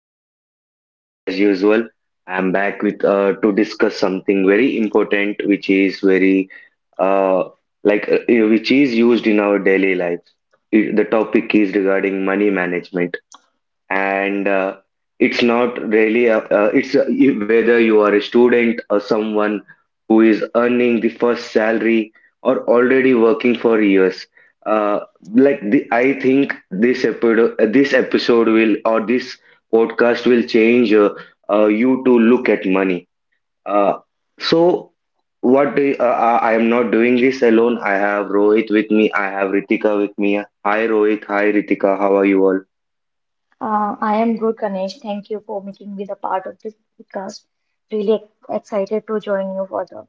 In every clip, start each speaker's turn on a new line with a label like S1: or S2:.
S1: Ganesh, your host as usual. I am back with to discuss something very important, which is very uh, like which is used in our daily lives. The topic is regarding money management, and it's not really whether you are a student or someone who is earning the first salary or already working for years. Uh, like the, i think this episode will, or this podcast will change you to look at money. Uh, so what do you, uh, i I am not doing this alone. I have Rohit with me, I have Ritika with me. Hi Rohit, hi Ritika, how are you all?
S2: I am good, Ganesh. Thank you for making me the part of this podcast. Really excited to join you further.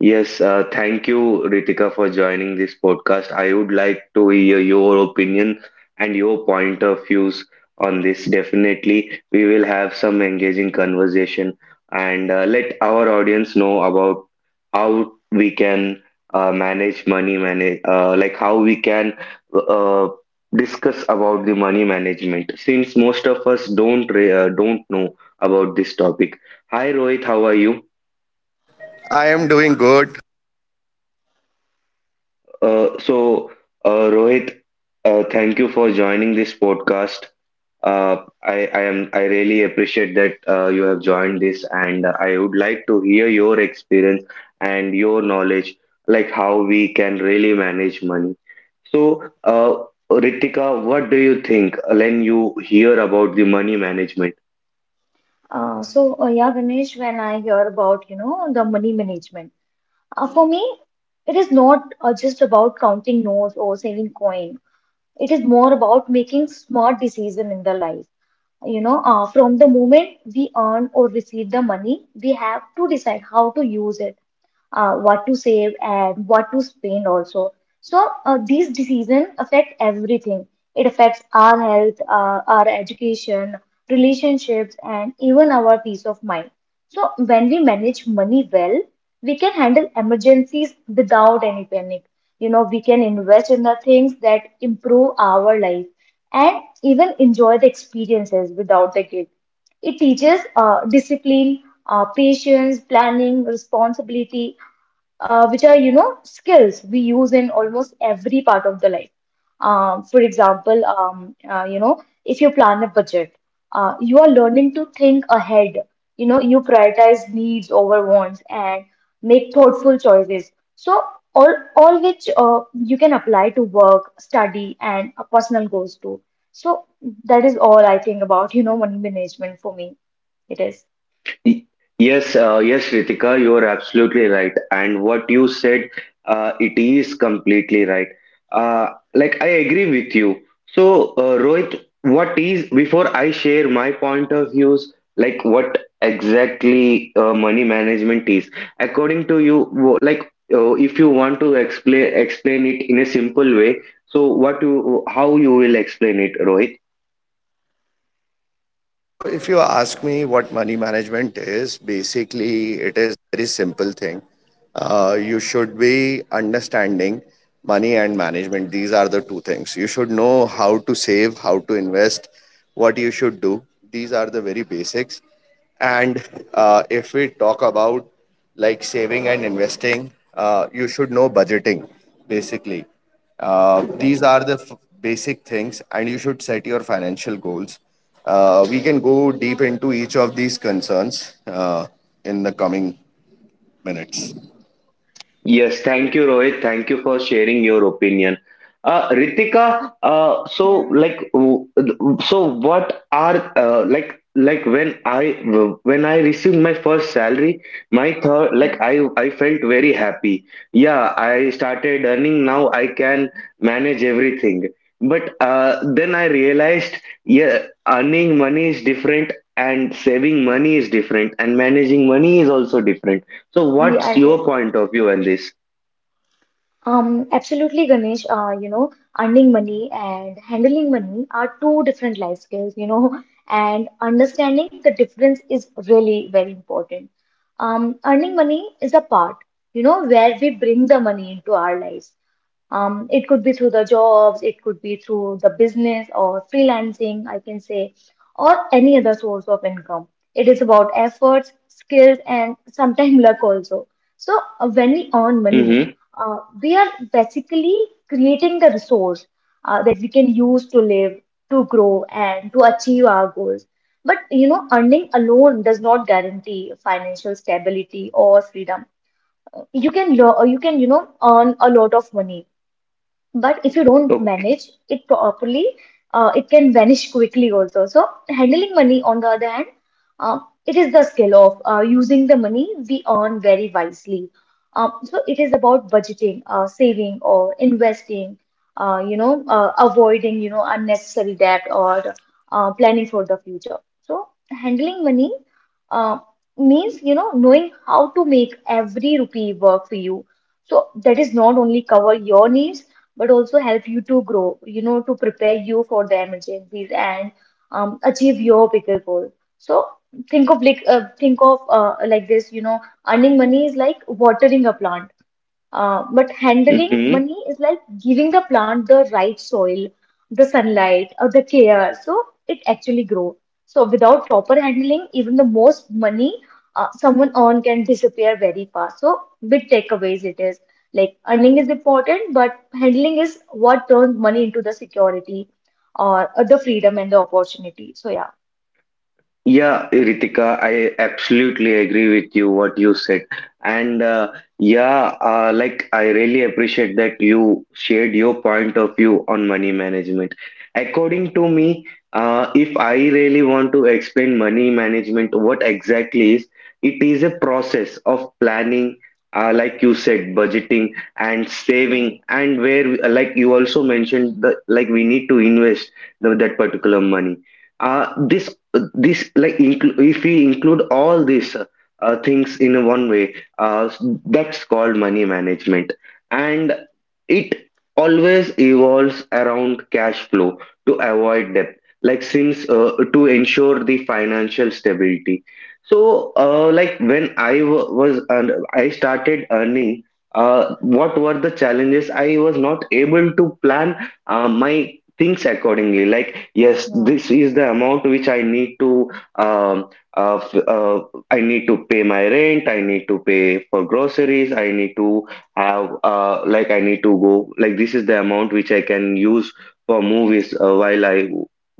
S1: Yes, thank you, Ritika, for joining this podcast. I would like to hear your opinion and your point of views on this. Definitely, we will have some engaging conversation, and let our audience know about how we can manage money, manage how we can uh, discuss about the money management. Since most of us don't know about this topic. Hi, Rohit, how are you?
S3: I am doing good.
S1: So, Rohit, thank you for joining this podcast. I really appreciate that you have joined this, and I would like to hear your experience and your knowledge, like how we can really manage money. So, Ritika, what do you think when you hear about the money management?
S2: Ganesh, when I hear about, you know, the money management, for me, it is not just about counting notes or saving coin. It is more about making smart decision in the life. You know, from the moment we earn or receive the money, we have to decide how to use it, what to save and what to spend also. So, these decisions affect everything. It affects our health, our education, relationships, and even our peace of mind. So when we manage money well, we can handle emergencies without any panic. You know, we can invest in the things that improve our life and even enjoy the experiences without the guilt. It teaches discipline, patience, planning, responsibility, which are, you know, skills we use in almost every part of the life. For example, you know, if you plan a budget, you are learning to think ahead. You know, you prioritize needs over wants and make thoughtful choices. So, all which you can apply to work, study, and personal goals too. So that is all I think about, you know, money management for me. It is.
S1: Y- Yes, yes, Ritika, you are absolutely right. And what you said, it is completely right. Like, I agree with you. So, Rohit, before I share my point of views, like what exactly money management is, according to you, if you want to explain it in a simple way, so how you will explain it, Rohit?
S3: So if you ask me what money management is, basically it is a very simple thing. You should be understanding money and management. These are the two things. You should know how to save, how to invest, what you should do. These are the very basics. And if we talk about like saving and investing, you should know budgeting basically. These
S2: Exactly.
S3: are the basic things, and you should set your financial goals. We can go deep into each of these concerns in the coming minutes.
S1: Yes, thank you, Rohit. Thank you for sharing your opinion. Ritika,
S2: Yeah.
S1: so what are when I received my first salary, my third
S2: Yeah,
S1: like I felt very happy. Yeah, I started earning now. I can manage everything. But then I realized, yeah, earning money is different, and saving money is different, and managing money is also different. So
S2: yeah,
S1: what's
S2: it is.
S1: your point of view on this?
S2: Absolutely, Ganesh. You know, earning money and handling money are two different life skills, you know, and understanding the difference is really very important. Earning money is the part, you know, where we bring the money into our lives. It could be through the jobs, it could be through the business or freelancing, I can say, or any other source of income. It is about efforts, skills, and sometimes luck also. So, when we earn money,
S1: Mm-hmm.
S2: we are basically creating the resource that we can use to live, to grow, and to achieve our goals. But you know, earning alone does not guarantee financial stability or freedom. You can you can, you know, earn a lot of money, but if you don't
S1: Okay.
S2: manage it properly, it can vanish quickly also. So handling money, on the other hand, uh, it is the skill of using the money we earn very wisely. So it is about budgeting, saving or investing, avoiding, you know, unnecessary debt or planning for the future. So handling money, uh, means, you know, knowing how to make every rupee work for you, so that is not only cover your needs but also help you to grow, you know, to prepare you for the emergencies, and achieve your bigger goal. So think of like this, you know, earning money is like watering a plant, but handling
S1: Mm-hmm.
S2: money is like giving the plant the right soil, the sunlight, or the care, so it actually grow. So without proper handling, even the most money someone earn can disappear very fast. So big takeaways, it is like earning is important, but handling is what turns money into the security or the freedom and the opportunity. So yeah.
S1: Yeah, Ritika, I absolutely agree with you what you said. And yeah, I really appreciate that you shared your point of view on money management. According to
S2: Yeah,
S1: me, if I really want to explain money management, what exactly is, it is a process of planning, like you said, budgeting and
S2: yeah,
S1: saving, and where like you also mentioned that like we need to invest that particular money. uh, this if we include all these things in one way, that's called money management. And it always evolves around cash flow to avoid debt, like since to ensure the financial stability. So, like when I w- was earn- I started earning, what were the challenges. I was not able to plan my things accordingly, like yes,
S2: yeah.
S1: this is the amount which um, uh, f- uh, I need to pay my rent. I need to pay for groceries. I need to have like I need to go like this is the amount which I can use for movies, while I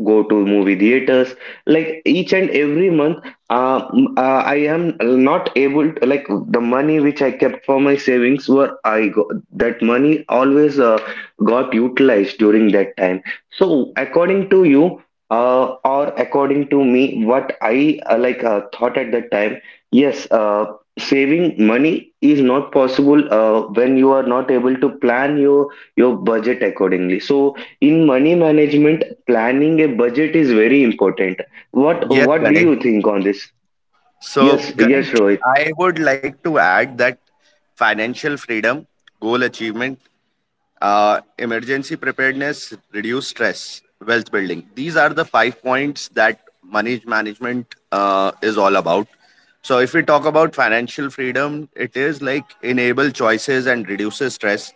S1: go to movie theaters. Like each and every month, I am not able to, the money which I kept for my savings were I go, that money always got utilized during that time. So, according to you, or according to me, what I thought at that time, yes, saving money is not possible when you are not able to plan your budget accordingly. So, in money management, planning a budget is very important. What
S3: Yes,
S1: what do
S3: Ganesh.
S1: you think on this?
S3: So,
S1: Yes, yes,
S3: Ganesh,
S1: Rohit.
S3: I would like to add that financial freedom, goal achievement, emergency preparedness, reduce stress, wealth building. These are the five points that money management is all about. So, if we talk about financial freedom, it is like enable choices and reduces stress.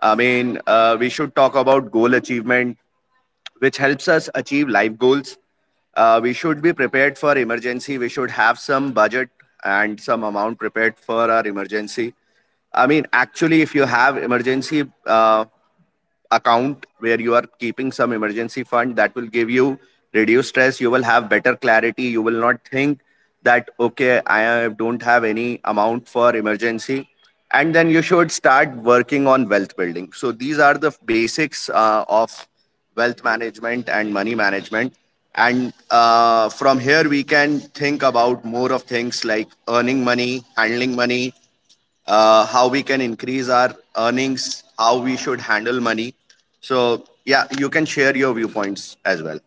S3: I mean, we should talk about goal achievement, which helps us achieve life goals. We should be prepared for emergency. We should have some budget and some amount prepared for our emergency. I mean, actually, if you have emergency account where you are keeping some emergency fund, that will give you reduced stress. You will have better clarity. You will not think that okay, I don't have any amount for emergency. And then you should start working on wealth building. So these are the basics of wealth management and money management. And from here we can think about more of things like earning money, handling money, how we can increase our earnings, how we should handle money. So, yeah, you can share your viewpoints as well.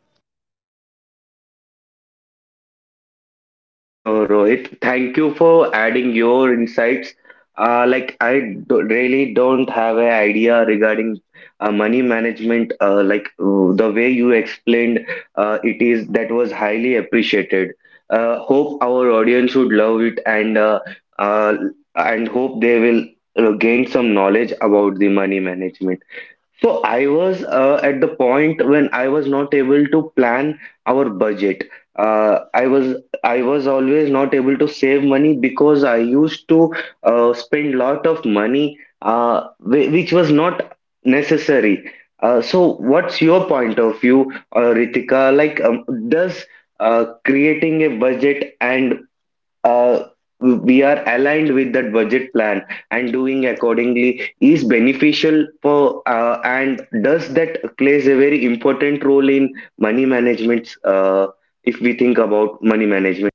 S1: Sure, Rohit. Thank you for adding your insights. Like I really don't have an idea regarding money management. The way you explained, it is that was highly appreciated. Hope our audience would love it, uh, and hope they will gain some knowledge about the money management. So I was, at the point when I was not able to plan our budget. Uh, I was I was always not able to save money because I used to spend lot of money, which was not necessary. So what's your point of view, Ritika? Like, does creating a budget and, uh, we are aligned with that budget plan and doing accordingly is beneficial for, and does that plays a very important role in money management, if we think about money management?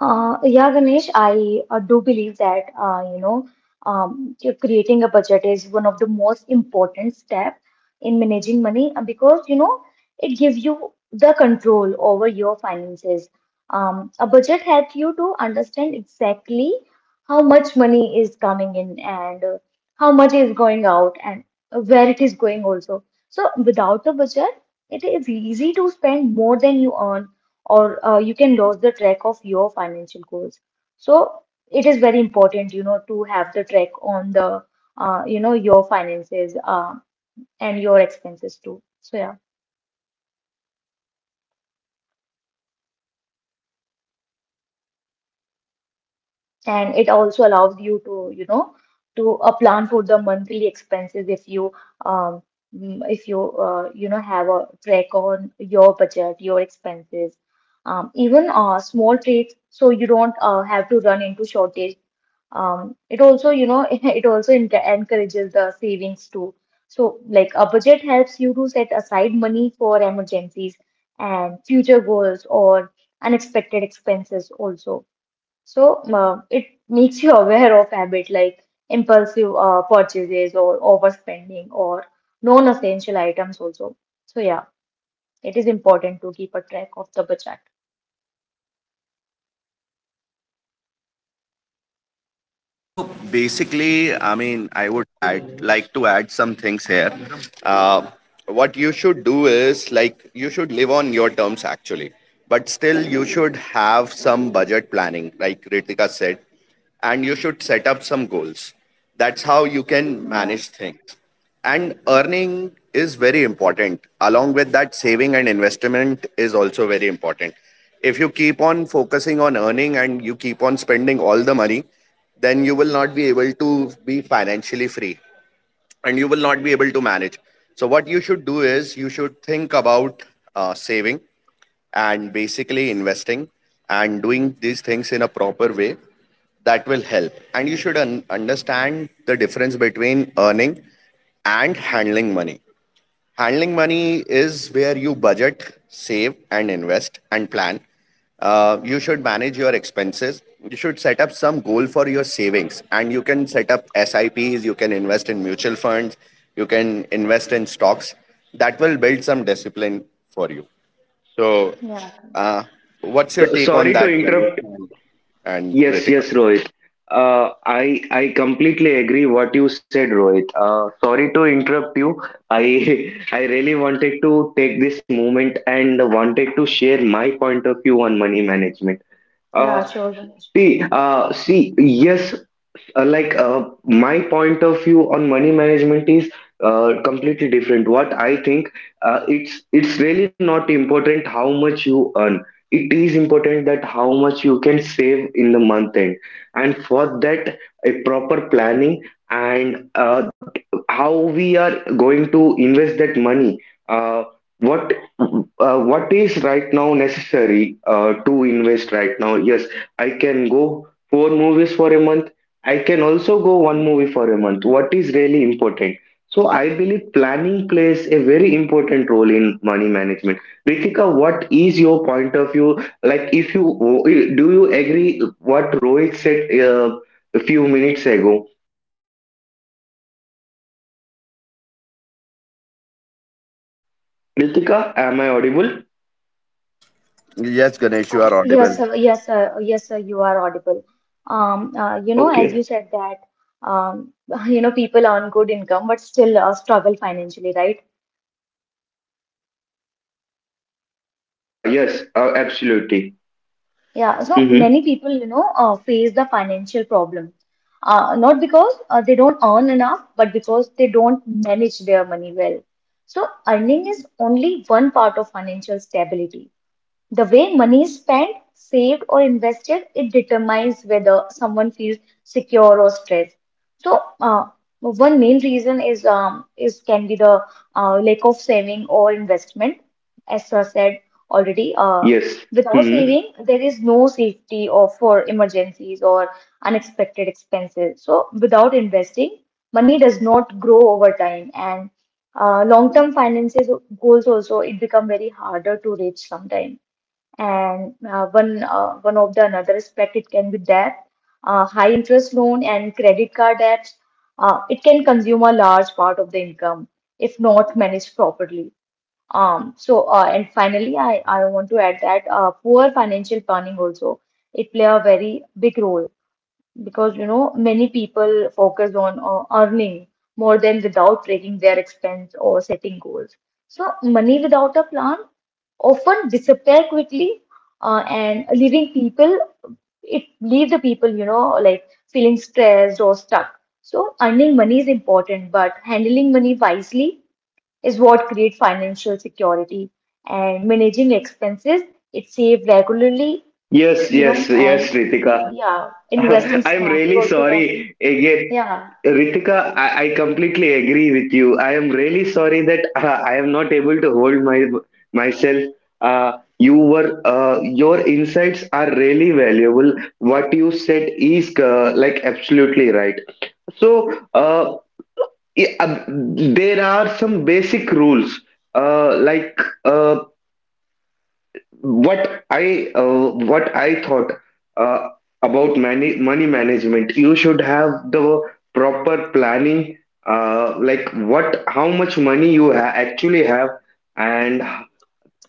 S2: Yeah, Ganesh, I do believe that, you know, creating a budget is one of the most important step in managing money, because you know it gives you the control over your finances. A budget helps you to understand exactly how much money is coming in and how much is going out and where it is going also. So without a budget, it is easy to spend more than you earn, or you can lose the track of your financial goals. So it is very important, you know, to have the track on the, you know, your finances and your expenses too. So yeah. And it also allows you to, you know, to plan for the monthly expenses if you um if you you know have a track on your budget, your expenses, even small trades, so you don't have to run into shortage. It also, you know, it also encourages the savings too. So like a budget helps you to set aside money for emergencies and future goals or unexpected expenses also. So it makes you aware of habit like impulsive purchases or overspending or non-essential items also. So yeah, it is important to keep a track of the budget.
S3: So, basically, I mean, I would add, like to add some things here. Uh, what you should do is like you should live on your terms actually, but still, you should have some budget planning, like Ritika said, and you should set up some goals. That's how you can
S2: Yeah.
S3: manage things. And earning is very important. Along with that, saving and investment is also very important. If you keep on focusing on earning and you keep on spending all the money, then you will not be able to be financially free and you will not be able to manage. So, what you should do is you should think about saving and basically investing and doing these things in a proper way that will help. And you should understand the difference between earning and handling money. Handling money is where you budget, save, and invest and plan. You should manage your expenses. You should set up some goal for your savings, and you can set up SIPs. You can invest in mutual funds. You can invest in stocks. That will build some discipline for you. So,
S2: Yeah,
S3: uh, what's your
S1: So,
S3: take on
S1: sorry to
S3: that, Ganesh
S1: interrupt.
S3: and
S1: Yes,
S3: Ritika?
S1: yes, Rohit. I completely agree what you said, Rohit. Sorry to interrupt you. I I really wanted to take this moment and wanted to share my point of view on money management.
S2: yeah,
S1: Uh,
S2: sure, Ganesh.
S1: See, yes, my point of view on money management is, completely different what I think. It's really not important how much you earn. It is important that how much you can save in the month end. And for that, a proper planning, and how we are going to invest that money, uh, what what is right now necessary, to invest right now. Yes, I can go four movies for a month. I can also go one movie for a month. What is really important? So I believe planning plays a very important role in money management. Ritika, what is your point of view? Like, if you do you agree what Rohit said, a few minutes ago? Ritika, am I audible?
S3: Yes, Ganesh, you are audible.
S2: Yes, sir, yes, sir, yes, sir, you are audible. You know, as you
S1: Okay.
S2: said that, um, you know, people earn good income but still struggle financially, right?
S1: Yeah. Yes. Absolutely.
S2: Yeah, so
S1: Mm-hmm.
S2: many people, you know, face the financial problem. Not because they don't earn enough, but because they don't manage their money well. So, earning is only one part of financial stability. The way money is spent, saved, or invested, it determines whether someone feels secure or stressed. So, one main reason is can be the lack of saving or investment, as I said already.
S1: Yes.
S2: Without
S1: Hmm.
S2: saving, there is no safety or for emergencies or unexpected expenses. So, without investing, money does not grow over time, and long-term finances goals also it become very harder to reach sometimes. And one of the another aspect, it can be debt, high interest loan and credit card debts. It can consume a large part of the income if not managed properly. And finally, I want to add that poor financial planning also, it play a very big role because you know many people focus on earning more than without tracking their expense or setting goals. So money without a plan often disappear quickly, and leaving people, it leave the people, you know, like feeling stressed or stuck. So earning money is important, but handling money wisely is what creates financial security and managing expenses, it save regularly,
S1: Yes.
S2: you
S1: Yes.
S2: know,
S1: Yes.
S2: and we,
S1: Ritika.
S2: yeah, investing
S1: I'm really
S2: smartly also can,
S1: sorry again.
S2: yeah.
S1: Ritika, I completely agree with you. I am really sorry that I am not able to hold my myself. Uh, your insights are really valuable. What you said is, absolutely right. So, there are some basic rules, uh, like uh, what I thought uh, about money management. You should have the proper planning, like what how much money you ha actually have, and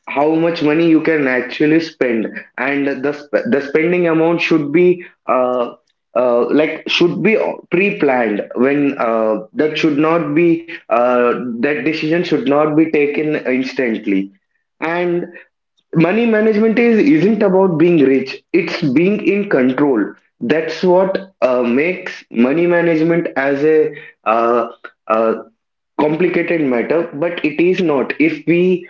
S1: how much money you can actually spend. And the sp the spending amount should be, should be pre-planned. When that should not be That decision should not be taken instantly. And money management is isn't about being rich, it's being in control. That's what makes money management as a, uh, uh, complicated matter, but it is not. If we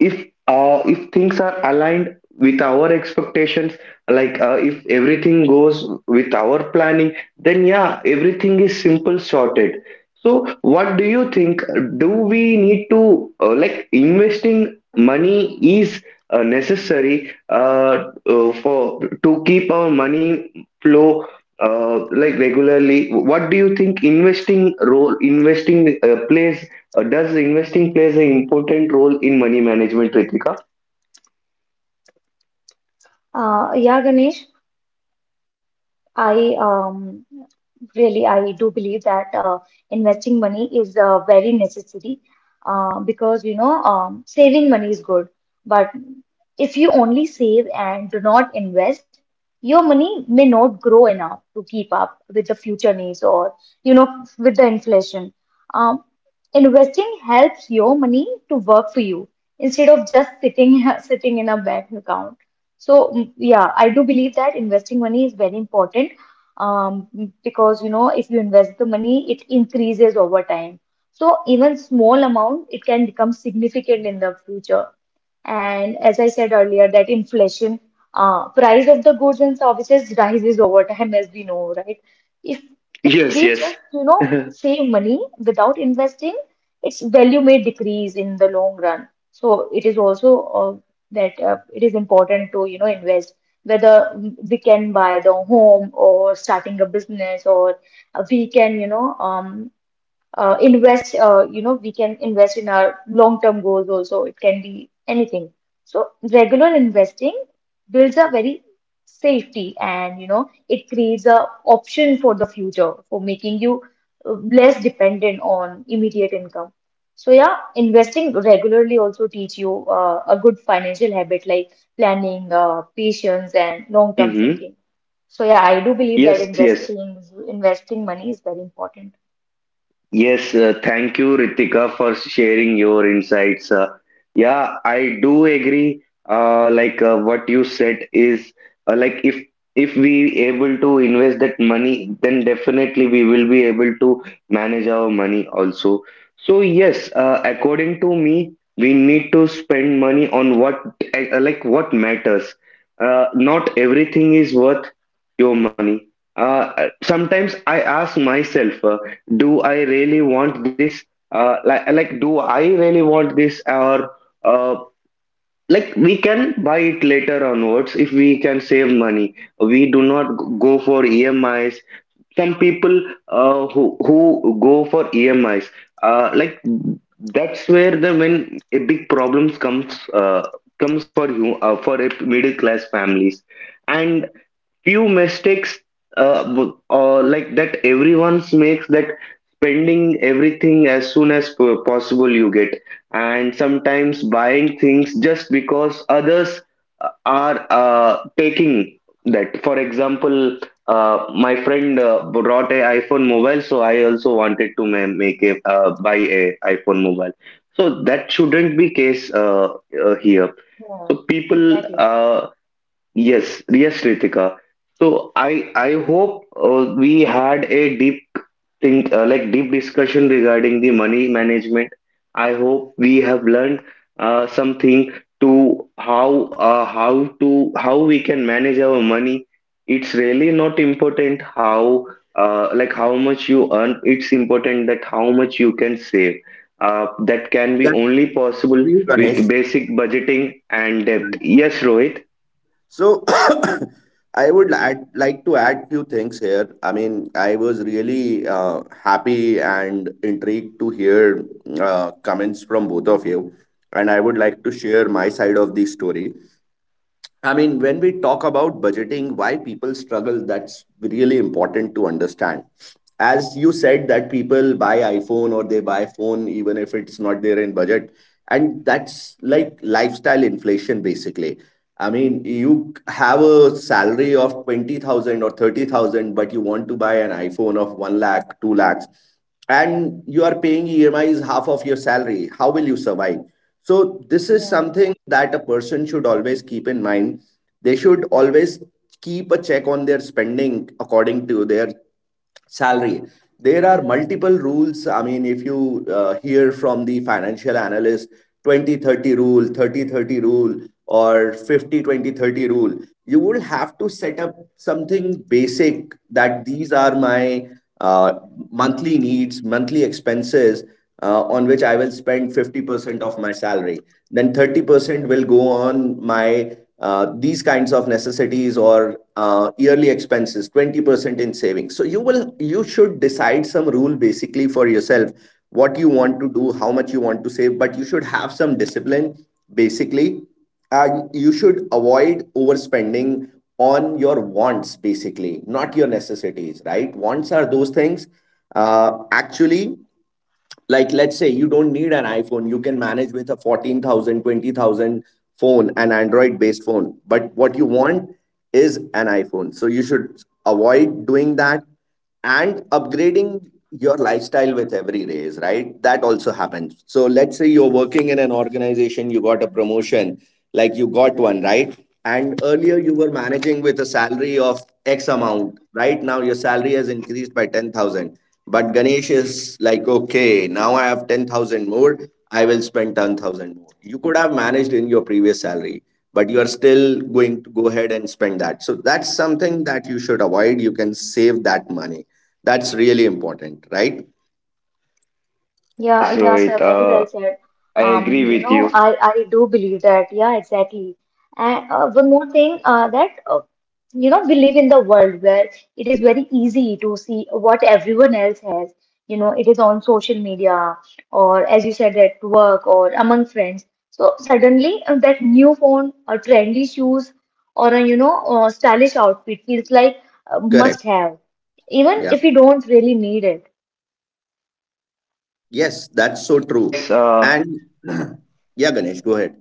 S1: if If things are aligned with our expectations, if everything goes with our planning, then yeah, everything is simple, sorted. So what do you think, do we need to like investing money is necessary, for to keep our money flow, regularly. What do you think, investing role investing plays does investing plays an important role in money management, Ritika?
S2: Yeah, Ganesh, I really, I do believe that investing money is very necessary, because you know, saving money is good, but if you only save and do not invest, your money may not grow enough to keep up with the future needs or you know with the inflation. Um, Investing helps your money to work for you instead of just sitting sitting in a bank account. So mm, yeah, I do believe that investing money is very important, um, because you know if you invest the money, it increases over time. So even small amount, it can become significant in the future. And as I said earlier, that inflation, price of the goods and services rises over time, as we know, right? If if
S1: Yes,
S2: we just,
S1: yes.
S2: you know, save money without investing, its value may decrease in the long run. So it is also that it is important to, you know, invest whether we can buy the home or starting a business, or we can, you know, invest, you know, we can invest in our long-term goals also, it can be anything. So regular investing builds a very safety, and you know, it creates a option for the future for making you uh, less dependent on immediate income. So yeah, investing regularly also teach you a good financial habit like planning, patience, and long-term
S1: Mm-hmm.
S2: thinking. So yeah, I do believe that
S1: Yes, yes.
S2: investing money is very important.
S1: Yes, thank you, Ritika, for sharing your insights. Yeah, I do agree. What you said is, uh, like if if we able to invest that money, then definitely we will be able to manage our money also. So yes, according to me, we need to spend money on what matters. Not everything is worth your money. Sometimes I ask myself. Do I really want this? Like, do I really want this? Or, uh, we can buy it later onwards if we can save money. We do not go for EMIs. Some people, who go for EMIs, uh, like that's where the when a big problems comes for you, for a middle class families. And few mistakes, that everyone's makes. That spending everything as soon as possible you get. And sometimes buying things just because others, are taking that. For example, my friend brought a iPhone mobile, so I also wanted to ma- make a buy a iPhone mobile. So that shouldn't be case, here.
S2: Yeah,
S1: So people,
S2: exactly.
S1: yes, yes, Ritika. So I hope we had a deep think like deep discussion regarding the money management. I hope we have learned something, to how to how we can manage our money. It's really not important how much you earn. It's important that how much you can save. That can be
S3: That's
S1: only possible
S3: true, Ganesh.
S1: with basic budgeting and depth.
S3: Right.
S1: Yes, Rohit.
S3: So I would add, like to add few things here. I mean, I was really happy and intrigued to hear comments from both of you, and I would like to share my side of the story. I mean, when we talk about budgeting, why people struggle, that's really important to understand. As you said, that people buy iPhone or they buy phone even if it's not there in budget, and that's like lifestyle inflation basically. I mean, you have a salary of 20,000 or 30,000, but you want to buy an iPhone of 1 lakh, 2 lakhs, and you are paying EMIs half of your salary. How will you survive? So this is
S2: Yeah,
S3: something that a person should always keep in mind. They should always keep a check on their spending according to their salary. There are multiple rules. I mean, if you hear from the financial analyst, 20-30 rule, 30 30 rule, or 50 20-30 rule, you would have to set up something basic that these are my monthly needs, monthly expenses on which I will spend 50% of my salary. Then 30% will go on my these kinds of necessities or yearly expenses, 20% in savings. So you should decide some rule basically for yourself what you want to do, how much you want to save, but you should have some discipline basically, and you should avoid overspending on your wants basically, not your necessities, right? Wants are those things actually, like let's say you don't need an iPhone, you can manage with a 14,000, 20,000 phone, an Android based phone. But what you want is an iPhone. So you should avoid doing that and upgrading your lifestyle with every raise, right? That also happens. So let's say you're working in an organization, you got a promotion, like you got one, right? And earlier you were managing with a salary of x amount. Right now your salary has increased by 10,000, but Ganesh is like, okay, now I have 10,000 more, I will spend 10,000 more. You could have managed in your previous salary, but you are still going to go ahead and spend that. So that's something that you should avoid. You can save that money. That's really important, right?
S1: Yes,
S2: yeah,
S1: yes,
S2: yeah, sir.
S1: Rohit.
S2: Very well said.
S1: I agree
S2: You
S1: with you.
S2: know, I do believe that. Yeah, exactly. And one more thing, that you know, we live in the world where it is very easy to see what everyone else has. You know, it is on social media or, as you said, at work or among friends. So suddenly, that new phone or trendy shoes or a, you know, stylish outfit feels like
S3: Correct.
S2: must have, even
S3: Yeah.
S2: if you don't really need it.
S3: Yes, that's so true.
S1: Yes,
S3: And yeah, Ganesh, go ahead.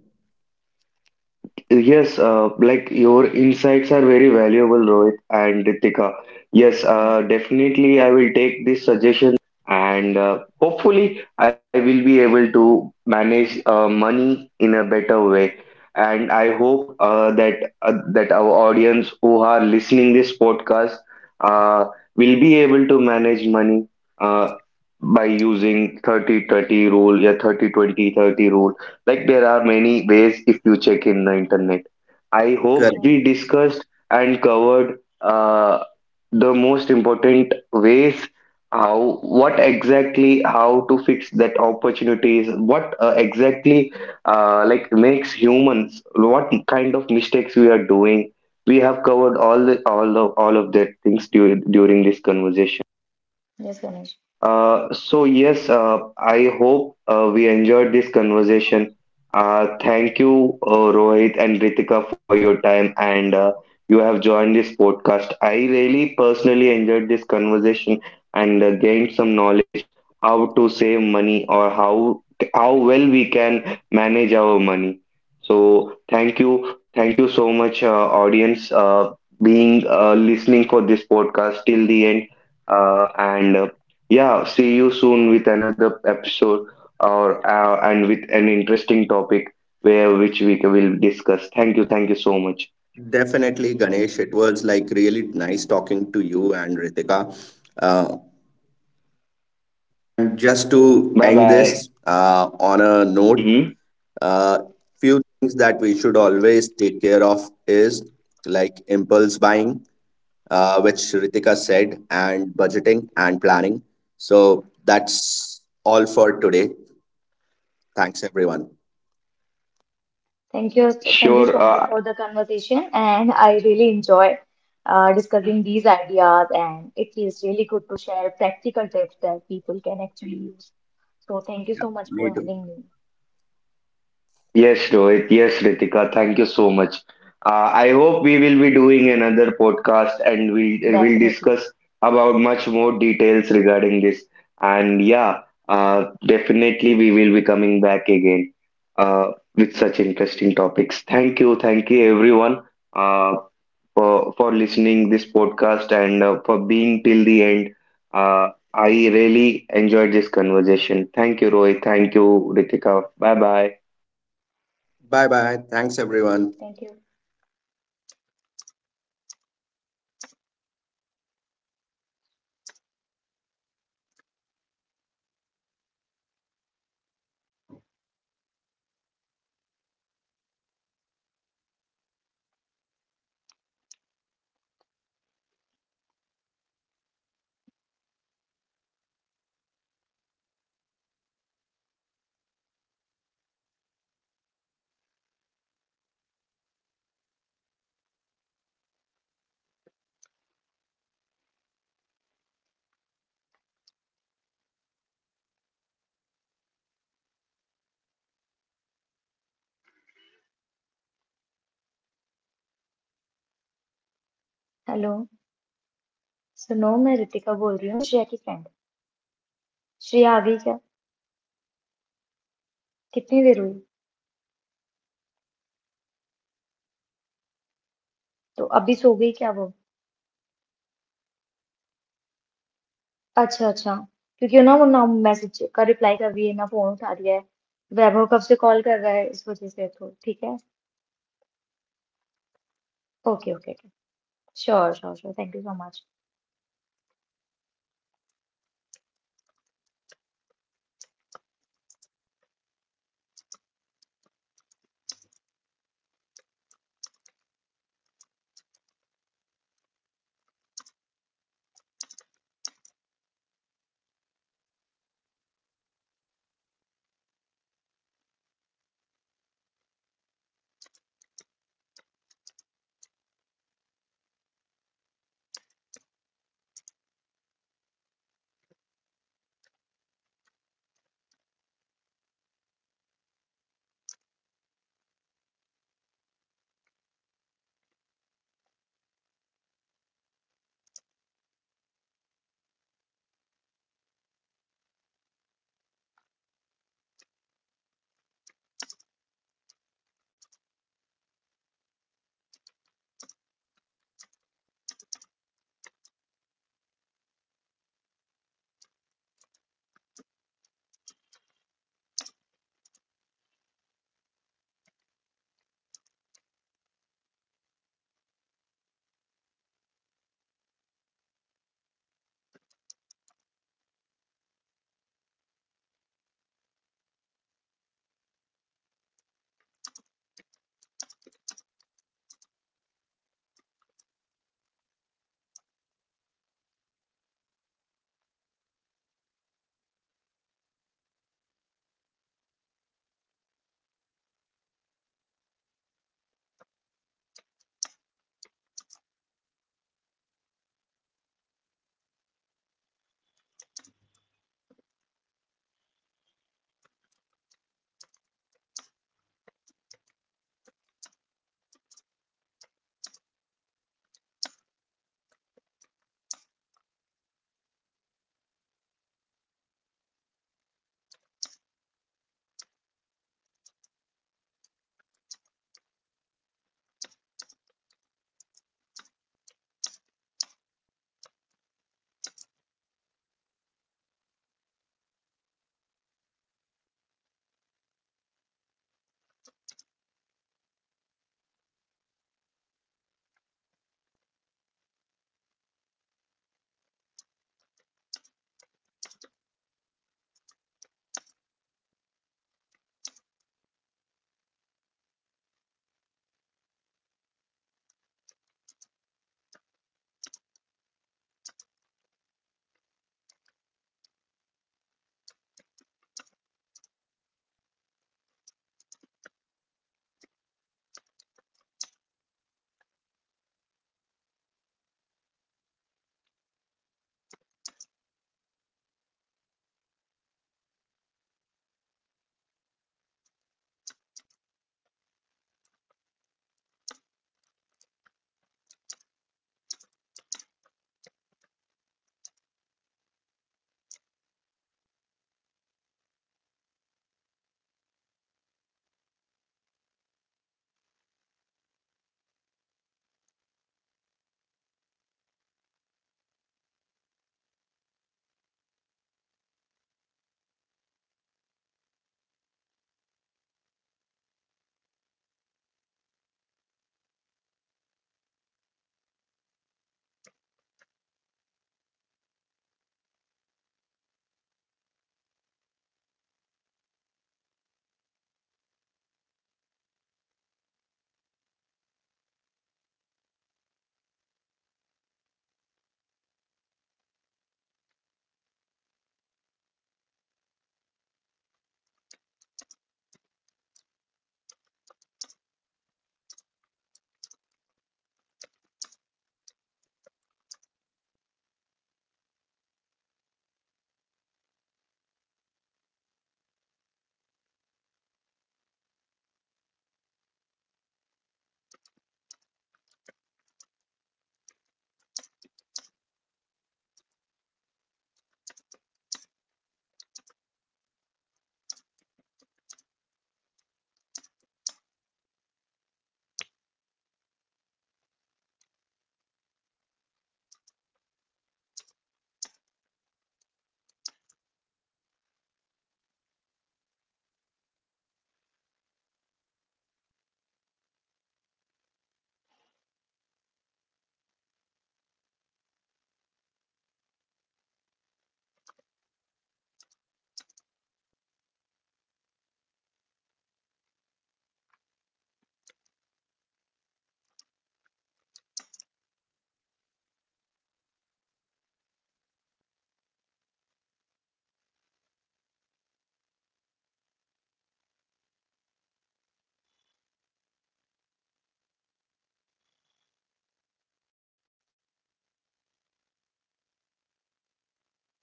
S1: yes, your insights are very valuable, Rohit and Ritika. Yes,
S2: Yeah,
S1: definitely I will take this suggestion, and hopefully I will be able to manage money in a better way. And I hope that our audience who are listening this podcast, uh, will be able to manage money, uh, by using 30-30 rule, yeah, 30-20-30 rule. Like there are many ways if you check in the internet.
S3: Correct.
S1: I hope
S2: yeah.
S1: we discussed and covered the most important ways. How what exactly How to fix that opportunities, what exactly, makes humans, what kind of mistakes we are doing. We have covered all of that things during this conversation.
S2: Yes, Ganesh.
S1: So yes, I hope we enjoyed this conversation. Thank you, Rohit and Ritika, for your time and, you have joined this podcast. I really personally enjoyed this conversation and gained some knowledge how to save money or how well we can manage our money. So thank you so much, audience, being listening for this podcast till the end. And. Yeah, see you soon with another episode, or and with an interesting topic where which we will discuss. Thank you so much.
S2: Thank you,
S3: Definitely,
S2: Ganesh.
S3: Ganesh. It was like really nice talking to you and Ritika. Uh, and just to
S1: Bye
S3: end
S1: bye.
S3: this on a note,
S1: Mm-hmm.
S3: uh, few things that we should always take care of is like impulse buying which Ritika said, and budgeting and planning. So that's all for today. Thanks, everyone.
S2: Thank you, thank you
S1: Sure.
S2: so much for the conversation, and I really enjoy discussing these ideas, and it feels really good to share practical tips that people can actually use. So thank you
S3: Yeah,
S2: so much
S3: me
S2: for
S3: too.
S2: having me.
S1: Yes, Rohit. Yes, Ritika. Thank you so much. I hope we will be doing another podcast and we'll
S2: Definitely.
S1: discuss about much more details regarding this. And yeah, definitely we will be coming back again, with such interesting topics. Thank you. Thank you, everyone, uh, for listening this podcast, and for being till the end. I really enjoyed this conversation. Thank you, Rohit. Thank you, Ritika. Bye bye.
S3: Bye bye. Thanks, everyone.
S2: Thank you. Hello, सुनो, मैं रितिका बोल रही हूँ, श्रेया की friend. Shreya आ गई क्या? कितनी देर हुई? तो अभी सो गई क्या वो? अच्छा, अच्छा। क्योंकि ना वो ना मैसेज का रिप्लाई कर रही है, ना फ़ोन उठा रही है। वैभव कब से कॉल कर रहा है, इस वज़ह से तो ठीक है। Okay, okay, okay. Sure, sure, sure. Thank you so much.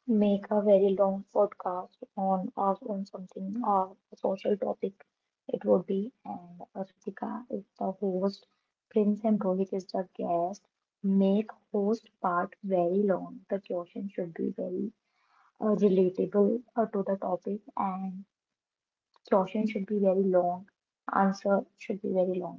S2: Make a very long podcast on or on something or a social topic. It would be, and Ritika is the host. Prince and Rohit is the guest. Make host part very long. The question should be very relatable to the topic, and caution should be very long. Answer should be very long.